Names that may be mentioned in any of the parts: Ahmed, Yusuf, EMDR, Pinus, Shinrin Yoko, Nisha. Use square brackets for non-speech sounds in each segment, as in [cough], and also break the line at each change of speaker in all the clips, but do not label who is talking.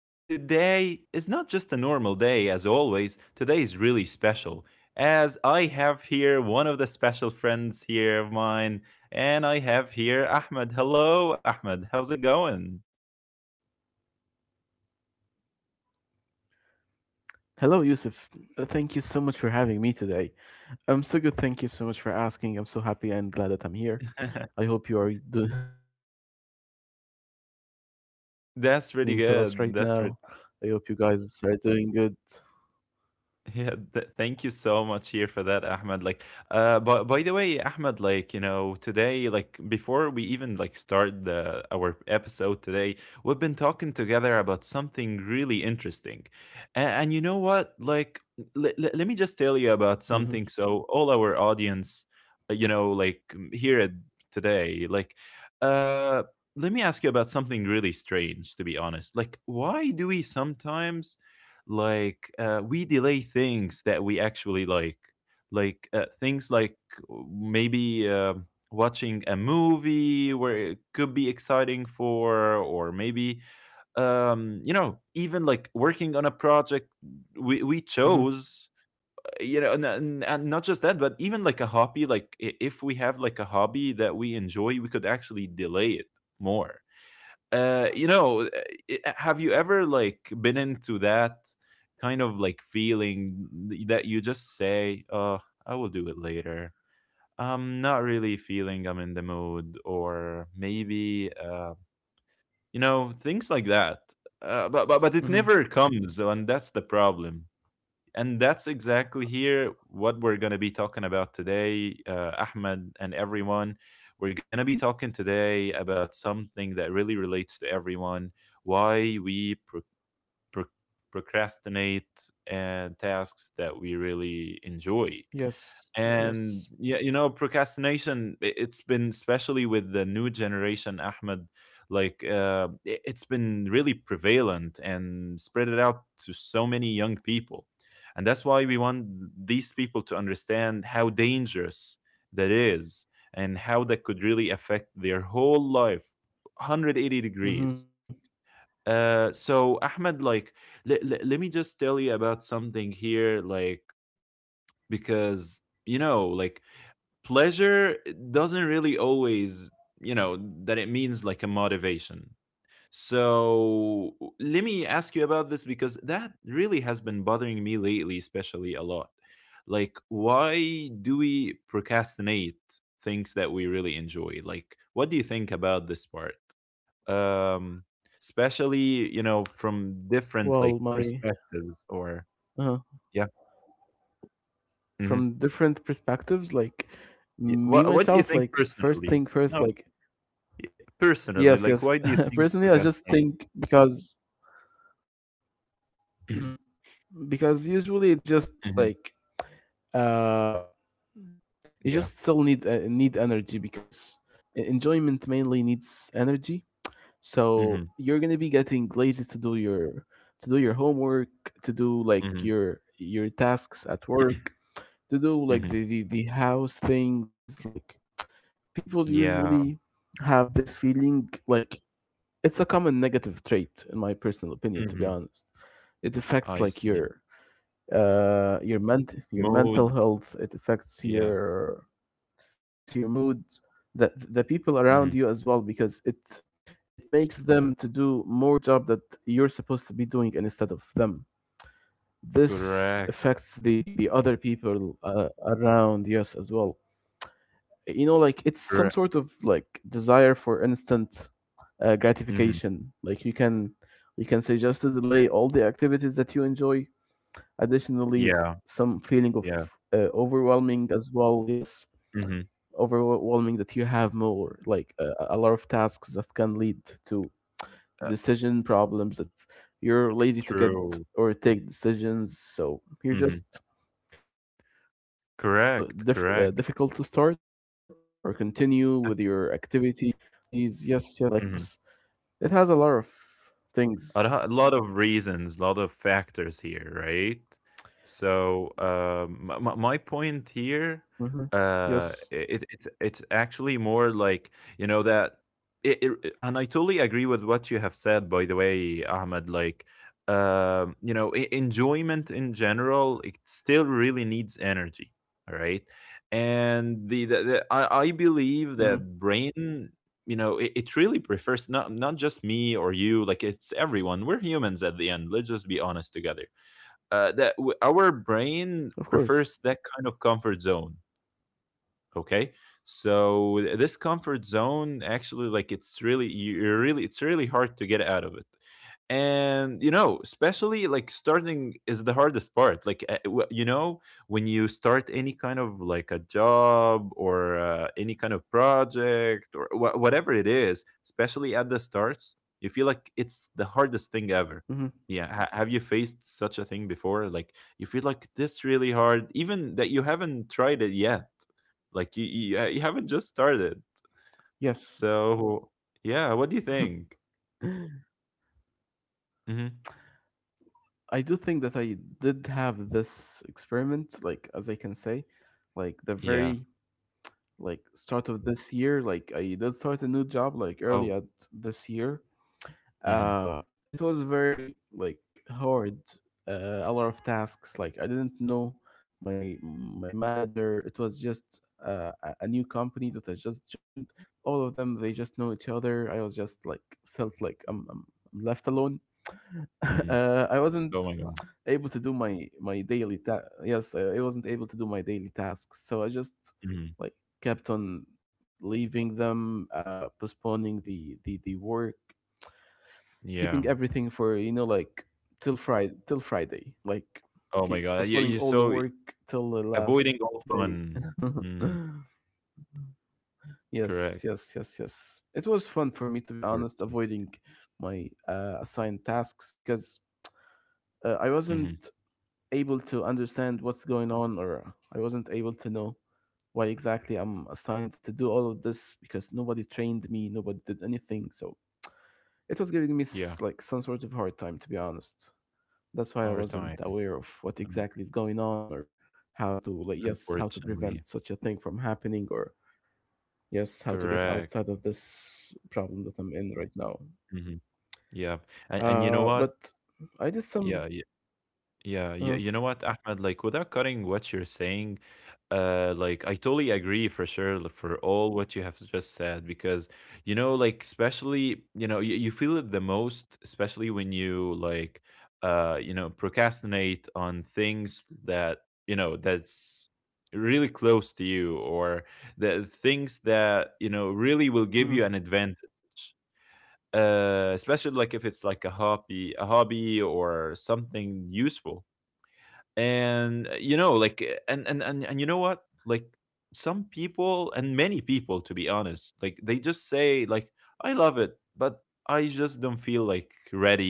And today is not just a normal day, as always. Today is really special, as I have here one of the special friends here of mine, and I have here Ahmed. Hello, Ahmed. How's it going?
Hello, Yusuf. Thank you so much for having me today. I'm so good. Thank you so much for asking. I'm so happy and glad that I'm here.
[laughs]
I hope you are [laughs] doing well as well, and all people
That's really
listening to us
good.
right
That's
now. I hope you guys are doing good.
[laughs] Yeah, thank you so much here for that, Ahmed. Like, but by the way, Ahmed, like, you know, today, like, before we even like start the our episode today, we've been talking together about something really interesting, and you know what? Like, let me just tell you about something. So,
Mm-hmm,
all our audience, you know, like here at today, like, uh, let me ask you about something really strange. To be honest, like, why do we sometimes? Like we delay things that we actually like things like maybe watching a movie where it could be exciting for, or maybe you know, even like working on a project we chose.
mm-hmm,
You know, and not just that, but even like a hobby, like if we have like a hobby that we enjoy, we could actually delay it more. uh, you know, uh, have you ever like been into that kind of like feeling that you just say, "Oh, I will do it later." I'm not really feeling I'm in the mood, or maybe you know, things like that. But it never comes,
mm-hmm.
and that's the problem. And that's exactly here what we're going to be talking about today, Ahmed and everyone. We're going to be talking today about something that really relates to everyone, why we pro- procrastinate and tasks that we really enjoy. And yeah,
Yes,
you know,
yes.
procrastination, it's been especially with the new generation, Ahmed, like it's been really prevalent and spread it out to so many young people. And that's why we want these people to understand how dangerous that is and how that could really affect their whole life 180 degrees.
Mm-hmm.
So, Ahmed, like, le- let me just tell you about something here, like, because, you know, like, pleasure doesn't really always, you know, that it means like a motivation. So let me ask you about this because that really has been bothering me lately, especially a lot. Like, why do we procrastinate things that we really enjoy? Like, what do you think about this part? Um, especially, you know, from
Well,
different
my
like perspectives, or
uh
yeah.
from
Hmm.
different perspectives. Like
Yeah.
me
What
myself,
do you
like
think
first thing
personally?
first, like
No, yeah, personally,
yes,
like, why do
yes.
you think
[laughs] Personally, I just
procrastinate?
think mm,
[clears throat]
because usually it just like
Mhm.
uh you
Yeah.
just still need need energy because enjoyment mainly needs energy.
Mhm.
So you're gonna be getting lazy to do your homework, to do
Mhm.
like your tasks at work, to
Mhm.
do like the house things like people
Yeah.
usually have this feeling like it's a common negative trait in my personal opinion, to be
Mhm.
honest. It
I
affects like
see.
your ment your
Mood.
mental health. It affects
Yeah.
your, yes, your mood, the people around
Mhm.
you as well, because it makes them to do more job that you're supposed to be doing instead of them.
Correct.
This affects the other people, around, yes, as well. You know, like it's some
Correct.
sort of like desire for instant
Mhm.
gratification. Like you can say just to delay all the activities that you enjoy. Additionally,
Yeah.
some feeling of
Yeah.
overwhelming as well. Yes,
Mhm.
overwhelming, that you have more like a lot of tasks that can lead to
Uh,
decision problems that you're lazy to get
true.
or take decisions. So you're
Mhm.
just like postponing everything, making
Correct.
it
Correct.
difficult to start or
Uh,
continue with your activities. Yes,
mhm.
yes. It has a lot of
a
things.
lo- a lot of reasons, a lot of factors here, right? So my point here,
Mm-hmm.
uh, mhm.
Yes.
It's actually more like, you know, that, and I totally agree with what you have said. By the way, Ahmed, like you know, enjoyment in general, it still really needs energy, all right? And the I believe that
Mm-hmm.
brain, you know, it really prefers, not just me or you, like it's everyone, we're humans at the end, let's just be honest together. That our brain
Of
prefers that
course.
kind of comfort zone, okay? So this comfort zone actually, like, it's really you're really, it's really hard to get out of it. And you know, especially like starting is the hardest part. Like you know, when you start any kind of like a job or any kind of project or whatever it is, especially at the starts, you feel like it's the hardest thing ever.
Mm-hmm.
Yeah, have you faced such a thing before, like you feel like this really hard even that you haven't tried it yet, like you haven't just started?
Yes.
So yeah, what do you think?
[laughs] I
Hmm.
do think that I did have this experiment, like as I can say, like the very
Yeah.
like start of this year. Like I did start a new job like early
Oh.
at this year. Uh,
Mhm.
it was very like hard. A lot of tasks. Like I didn't know my manager. It was just a new company that I just joined. All of them, they just know each other. I was just like felt like I'm left alone. [laughs]
Mhm.
I wasn't
Oh my god.
able to do my my daily ta- yes, I wasn't able to do my daily tasks, so I just
Mhm.
like kept on leaving them, postponing the work,
Yeah.
keeping everything for, you know, like till Friday,
Oh my god. Yeah, you're
postponing
so
all the work till the
avoiding
last
all
day.
fun.
[laughs]
Mm,
Yes,
correct.
yes, yes, yes. It was fun for me, to be
Or
honest, avoiding my assigned tasks because I
mhm.
wasn't able to understand what's going on, or I wasn't able to know why exactly I'm assigned to do all of this, because nobody trained me, nobody did anything. So it was giving me
Yeah.
like some sort of hard time, to be honest. That's why I
Hard
wasn't
time,
aware of what
um,
exactly is going on, or how to like yes, how to
unfortunately.
prevent such a thing from happening, or. Yes, how to get
Correct.
outside of this problem that I'm in right now.
Mhm. Yeah. And you know
Uh,
what?
but I did some.
Yeah. Yeah, you,
Uh,
you know what, Ahmed, like without cutting what you're saying, like I totally agree for sure, for all what you have just said, because you know like, especially, you know, you feel it the most, especially when you like you know, procrastinate on things that, you know, that's really close to you or the things that, you know, really will
hmm.
give you an advantage, especially like if it's like a hobby or something useful. And you know like and you know what, like some people and many people to be honest, like they just say like, I love it, but I just don't feel like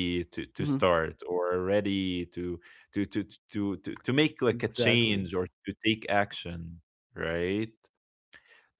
Hmm.
to start or ready to to make like a
Exactly.
change or to take action, right?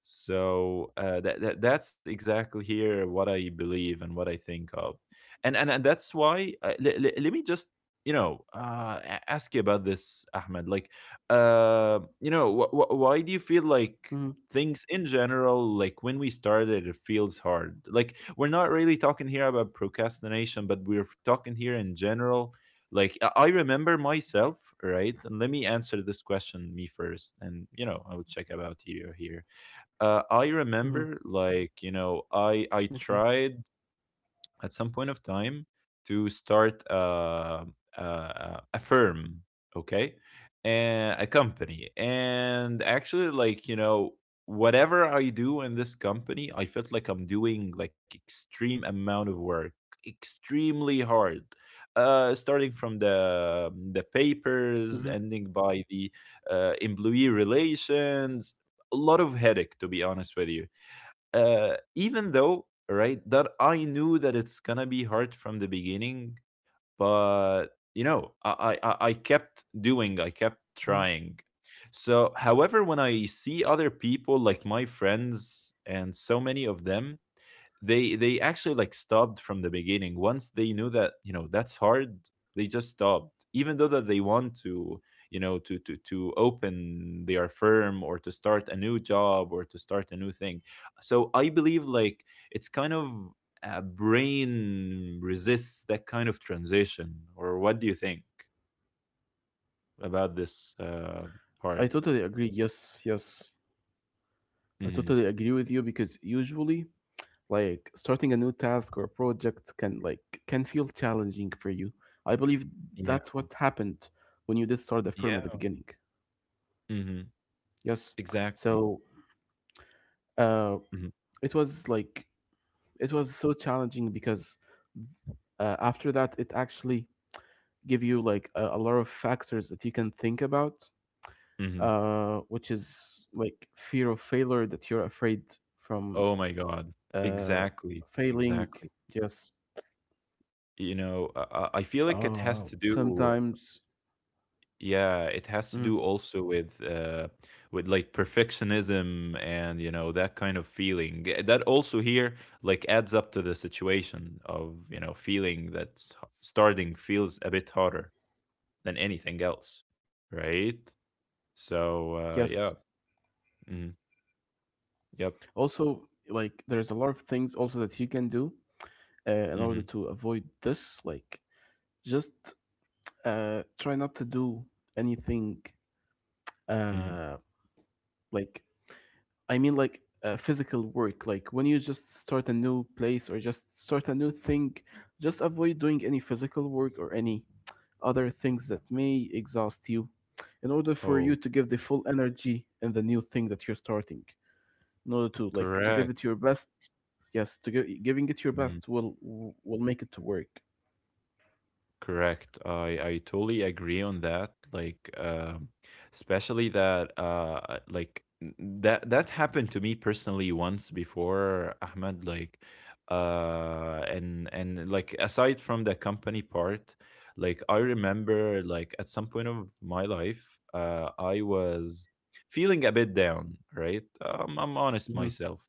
So that that's exactly here what I believe and what I think of, and that's why let me just, you know, ask you about this, Ahmed. Like, you know, why do you
Hmm.
feel like things in general, like when we started, it feels hard? Like we're not really talking here about procrastination, but we're talking here in general. Like I remember myself, right? And let me answer this question me first, and you know I will check about you here.
Hmm.
I remember, like you
Okay.
know, I tried at some point of time to start a firm, okay, and a company. And actually, like you know, whatever I do in this company, I felt like I'm doing like extreme amount of work, extremely hard. Starting from the
Hmm.
papers, ending by the employee relations, a lot of headache to be honest with you. Even though, right, that I knew that it's gonna be hard from the beginning, but you know, I kept doing, I
Hmm.
kept trying. So however, when I see other people like my friends and so many of them, they actually like stopped from the beginning. Once they knew that, you know, that's hard, they just stopped, even though that they want to, you know, to to open their firm or to start a new job or to start a new thing. So I believe like it's kind of brain resists that kind of transition, or what do you think about this
I
part?
totally agree. Yes, yes. I
Hmm.
totally agree with you, because usually, like, starting a new task or project can like can feel challenging for you. I believe
Yeah.
that's what happened when you did start the firm at the
Yeah.
beginning.
Hmm.
Yes.
Exactly.
So, uh,
Hmm.
it was like it was so challenging because after that it actually give you like a lot of factors that you can think about,
Hmm.
which is like fear of failure, that you're afraid from
Oh my god. Exactly.
failing,
Exactly.
yes,
You know, I feel like it has to
sometimes.
do, yeah,
Mm,
it has to do also with like perfectionism and you know that kind of feeling. That also here like adds up to the situation of, you know, feeling that starting feels a bit harder than anything else, right?
yes.
So yeah. Mhm. Yep.
Also, like, there's a lot of things also that you can do in
Mhm.
order to avoid this, like just try not to do anything,
Mhm.
uh, like I mean, like physical work. Like when you just start a new place or just start a new thing, just avoid doing any physical work or any other things that may exhaust you, in order for you
Oh,
to give the full energy in the new thing that you're starting. In order to like to give
correct.
it your best, yes, to giving it your
Mm-hmm.
best will make it to work.
Correct. I totally agree on that. Like, especially that, like that happened to me personally once before, Ahmed. Like, and like aside from the company part, like I remember, like at some point of my life, I was feeling a bit down. Right. I'm honest
Mhm.
myself,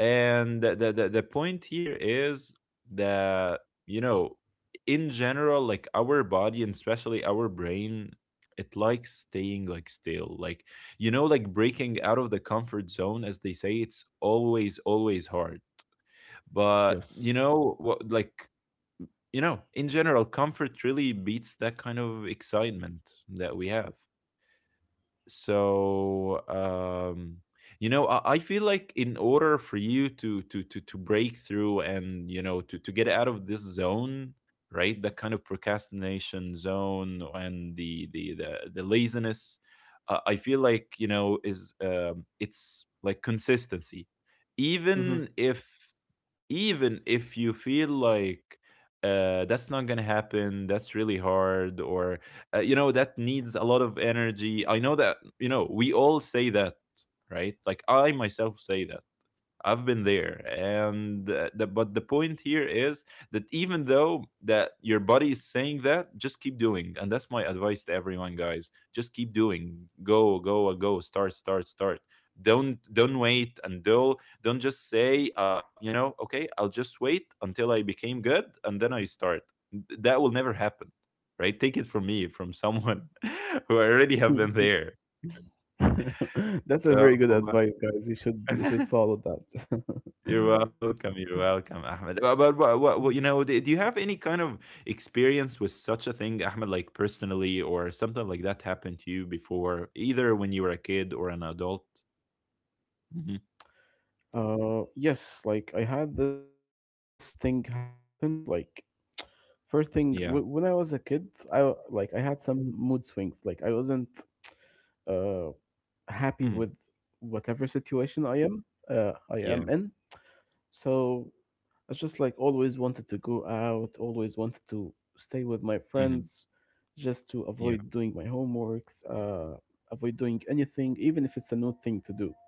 and the point here is that, you know, in general like our body and especially our brain, it likes staying like still, like, you know, like breaking out of the comfort zone, as they say, it's always hard. But you
Yes.
know what, like, you know, in general, comfort really beats that kind of excitement that we have. So you know, I feel like in order for you to to break through and, you know, to get out of this zone, right, that kind of procrastination zone and the laziness, I feel like, you know, is it's like consistency. Even
Mhm.
if you feel like that's not gonna happen, that's really hard, or you know that needs a lot of energy. I know that, you know, we all say that, right, like I myself say that, I've been there, and but the point here is that even though that your body is saying that, just keep doing, and that's my advice to everyone, guys. Just keep doing. Go, go, go. Start, start, start. Don't wait until, don't just say, you know, okay, I'll just wait until I became good and then I start. That will never happen, right? Take it from me, from someone [laughs] who already have been there.
[laughs] That's a
So.
very good advice, guys. You should
[laughs]
follow that.
You're
[laughs]
welcome. You're welcome, Ahmed. But, do you have any kind of experience with such a thing, Ahmed, like personally, or something like that happened to you before, either when you were a kid or an adult? Hmm.
Yes, like I had this thing happened. Like, first thing,
Yeah.
when I was a kid, like I had some mood swings. Like I wasn't uh happy
Hmm.
with whatever situation I
Yeah.
am in. So I just like always wanted to go out, always wanted to stay with my
Hmm.
friends, just to
Yeah.
avoid doing my homeworks, avoid doing anything, even if it's a new thing to do.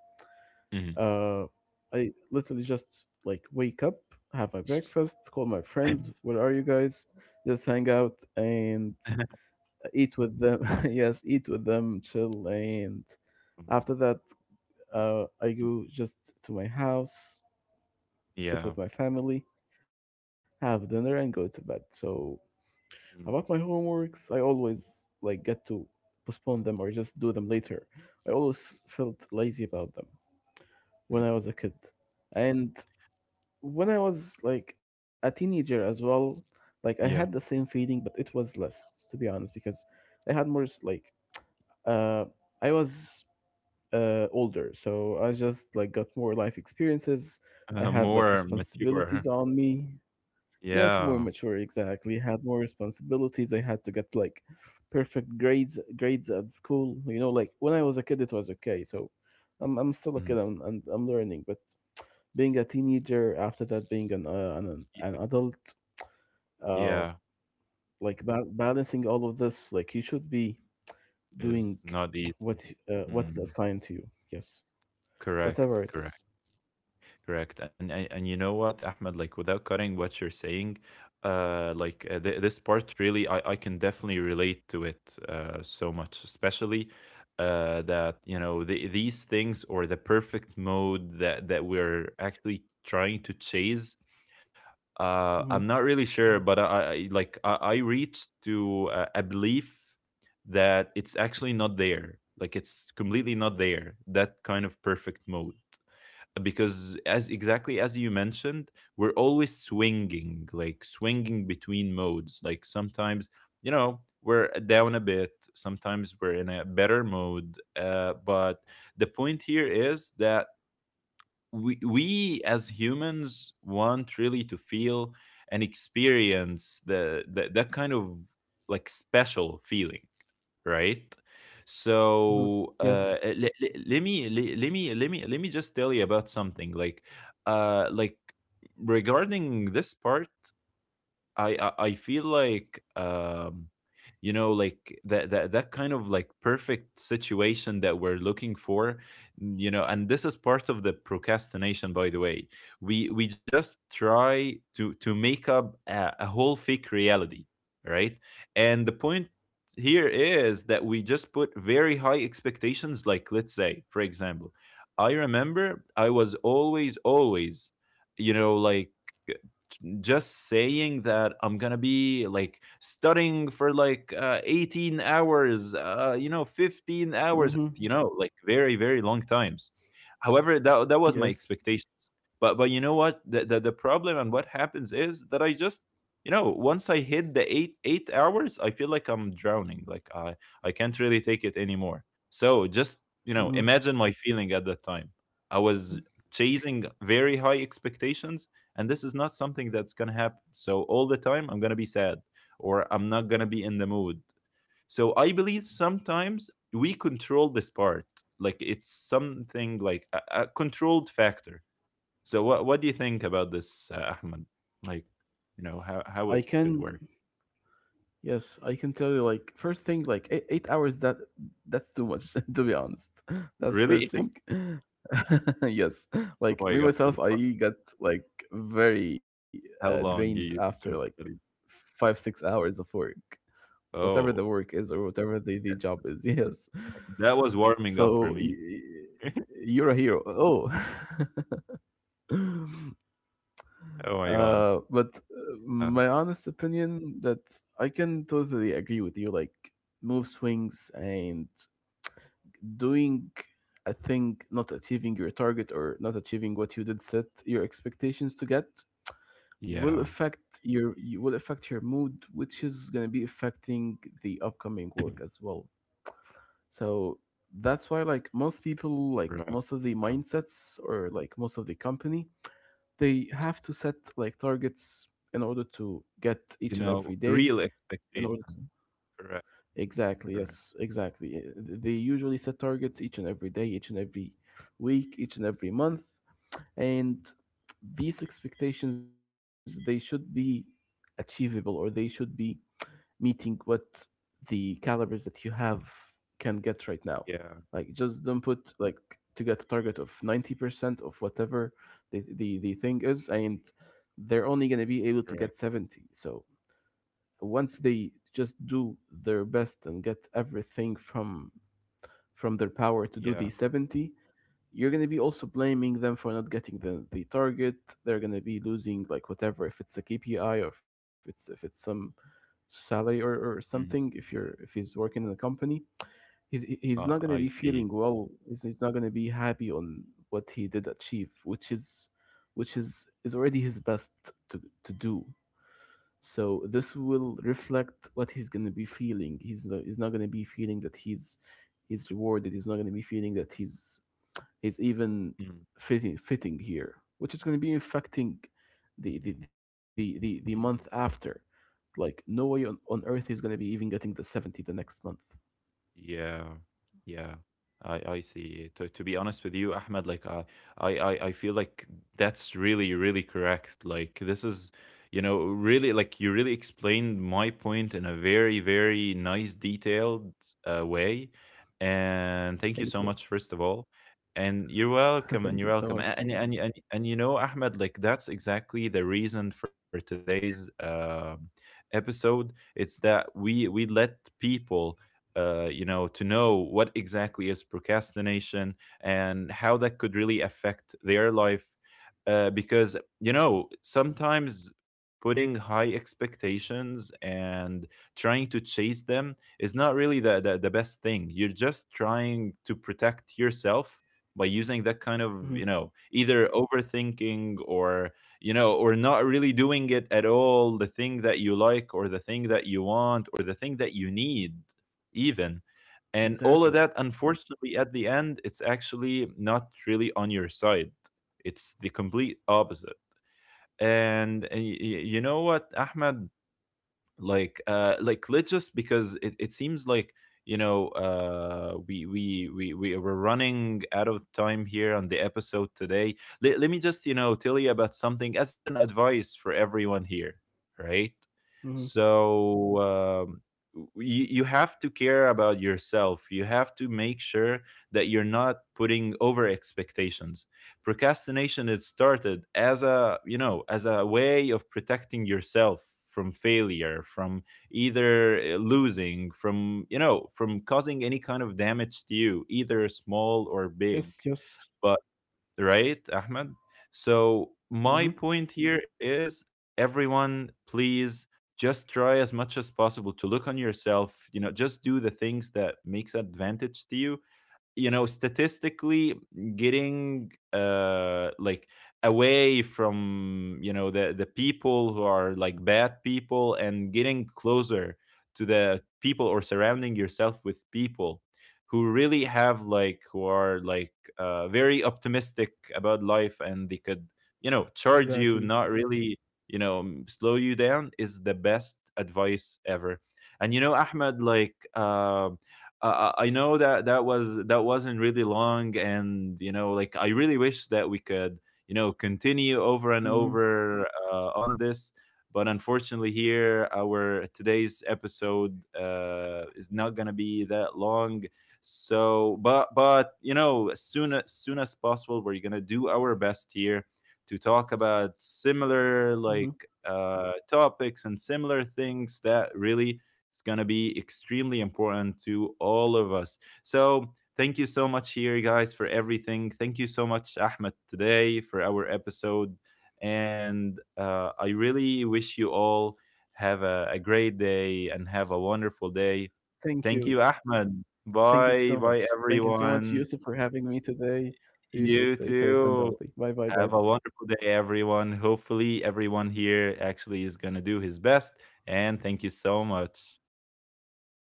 Hmm.
Uh, I literally just like wake up, have my breakfast, call my friends, where are you guys? Just hang out and
[laughs]
eat with them. [laughs] Yes, eat with them, chill. And
Yeah. Oh my God.
after that, I go just to my house,
Yeah.
sit with my family, have dinner, and go to bed. So, about my
Mhm.
homeworks, I always like get to postpone them or just do them later. I always felt lazy about them when
Mhm.
I was a kid. And when I was like a teenager as well, like I had the
Yeah.
same feeling, but it was less, to be honest, because I had more s- like uh, I was older, so I just like got more life experiences. I had
More
like
mature.
responsibilities on me. Yes, more
Yeah.
mature, exactly. Had more responsibilities. I had to get like perfect grades at school. You know, like when I was a kid, it was okay. So I'm still a
Mhm.
kid. And I'm learning, but being a teenager, after that being
Yeah.
an adult, uh
Yeah.
like balancing all of this, like you should be
It's
doing
not easy.
what what is
Mm.
assigned to you, yes,
Correct.
whatever it
Correct.
is.
Correct. And you know what, Ahmed, like without cutting what you're saying, like this part really I can definitely relate to it so much, especially that you know these things or the perfect mode that we're actually trying to chase. I'm
Mhm,
not really sure, but I reached to a belief that it's actually not there. Like it's completely not there. That kind of perfect mode, because as exactly as you mentioned, we're always swinging, like swinging between modes, like sometimes, you know, we're down a bit, sometimes we're in a better mode, but the point here is that we as humans want really to feel and experience the that kind of like special feeling, right?
mhm.
So. Mm.
Yes.
Let me just tell you about something like like, regarding this part. I feel like you know, like that that kind of like perfect situation that we're looking for, you know, and this is part of the procrastination, by the way. We just try to make up a whole fake reality, right? And the point here is that we just put very high expectations. Like, let's say, for example, I remember I was always, you know, like just saying that I'm gonna be like studying for like 18 hours, you know, 15 hours,
Hmm.
you know, like very very long times. However, that was
Yes.
my expectations. But you know what, the, the problem and what happens is that I just, you know, once I hit the eight hours, I feel like I'm drowning. Like I can't really take it anymore. So just, you know,
Hmm.
imagine my feeling at that time. I was chasing very high expectations, and this is not something that's going to happen, so all the time I'm going to be sad, or I'm not going to be in the mood. So I believe sometimes we control this part. Like it's something like a controlled factor. So what do you think about this, Ahmed? Like, you know, how it
I can,
could work?
yes, I can tell you, like first thing, like 8 hours, that that's too much. [laughs] To be honest, [laughs] that's first
Really? [laughs] Oh
thing. [laughs] Yes, like
my
me
God.
myself, I got like very
How
drained
long you
after
used
like
to really?
5 or 6 hours of work, whatever the
Oh,
work is or whatever the job is. [laughs] Yes.
that was warming up
So
for me.
you're a hero. Oh. [laughs]
Oh my God.
But
uh,
My honest opinion that I can totally agree with you, like move swings and doing a thing, not achieving your target or not achieving what you did set your expectations to get, will
yeah.
affect your, you will affect your mood, which is going to be affecting the upcoming work as well.
[clears throat]
So that's why like most people, like most of
Right.
the
Yeah.
mindsets, or like most of the company, they have to set like targets in order to get
You
each and
know,
every day,
real
in order to
expectation. Correct,
Exactly,
correct.
yes, exactly. They usually set targets each and every day, each and every week, each and every month. And
Mm.
these expectations, they should be achievable, or they should be meeting what the calibers that you have can get right now. Like,
Yeah,
just don't put, like, to get a target of 90% of whatever the thing is, and they're only going to be able to get
correct.
70. So once they just do their best and get everything from their power to do
Yeah.
the 70, you're going to be also blaming them for not getting the target. They're going to be losing like whatever, if it's a KPI, or if it's some salary, or something.
Mm.
If you're if he's working in a company, he's not going to be
I
feeling
see.
well. He's not going to be happy on what he did achieve, which is which is already his best to do. So this will reflect what he's gonna be feeling. He's not gonna be feeling that he's rewarded. He's not gonna be feeling that he's even
Mm.
fitting here, which is gonna be affecting the
Mhm.
month after. Like no way on earth he's gonna be even getting the 70 the next month.
Yeah, yeah, I see. To be honest with you, Ahmed, like I feel like that's really really correct. Like, this is, you know, really, like you really explained my point in a very very nice detailed way, and thank you so much first of
Thank you.
all. And you're
[laughs]
welcome, A-
Thank you
and
so
and
much.
and and you know, Ahmed, like that's exactly the reason for today's episode. It's that we let people you know, to know what exactly is procrastination and how that could really affect their life. Because, you know, sometimes putting high expectations and trying to chase them is not really the best thing. You're just trying to protect yourself by using that kind of, you know,
Hmm.
either overthinking or not really doing it at all, the thing that you like or the thing that you want or the thing that you need even. And all of that,
Exactly.
unfortunately, at the end, it's actually not really on your side. It's the complete opposite. And, you know what, Ahmed? Like, like, let's just, because it seems like, we are running out of time here on the episode today. Let me just, tell you about something as an advice for everyone here, right?
Hmm.
So, you have to care about yourself. You have to make sure that you're not putting over expectations. Procrastination, it started as a way of protecting yourself from failure, from either losing, from you know from causing any kind of damage to you, either small or big,
Yes, yes,
but right, Ahmed? So my point
hmm,
here is, everyone, please just try as much as possible to look on yourself, you know, just do the things that makes advantage to you, you know, statistically. Getting like, away from, you know, the people who are like bad people, and getting closer to the people, or surrounding yourself with people who are like very optimistic about life, and they could, you know, charge you, not
exactly.
really, slow you down, is the best advice ever. And you know, Ahmed, like, I know that that wasn't really long, and you know, like I really wish that we could, you know, continue over and
Hmm.
over on this. But unfortunately, here our today's episode is not gonna be that long. So, but you know, as soon as possible, we're gonna do our best here to talk about
Hmm.
similar like topics and similar things that really, it's going to be extremely important to all of us. So, thank you so much here, guys, for everything. Thank you so much, Ahmed, today for our episode. And I really wish you all have a great day and have a wonderful day.
Thank
Thank
you.
you, Ahmed.
Thank you
Bye.
so
Bye,
much. Thank you so much,
everyone.
Yusuf, for having me today. You should
You
stay safe and
too.
healthy. Bye bye,
Have a
guys.
wonderful day, everyone. Hopefully, everyone here actually is going to do his best. And thank you so much.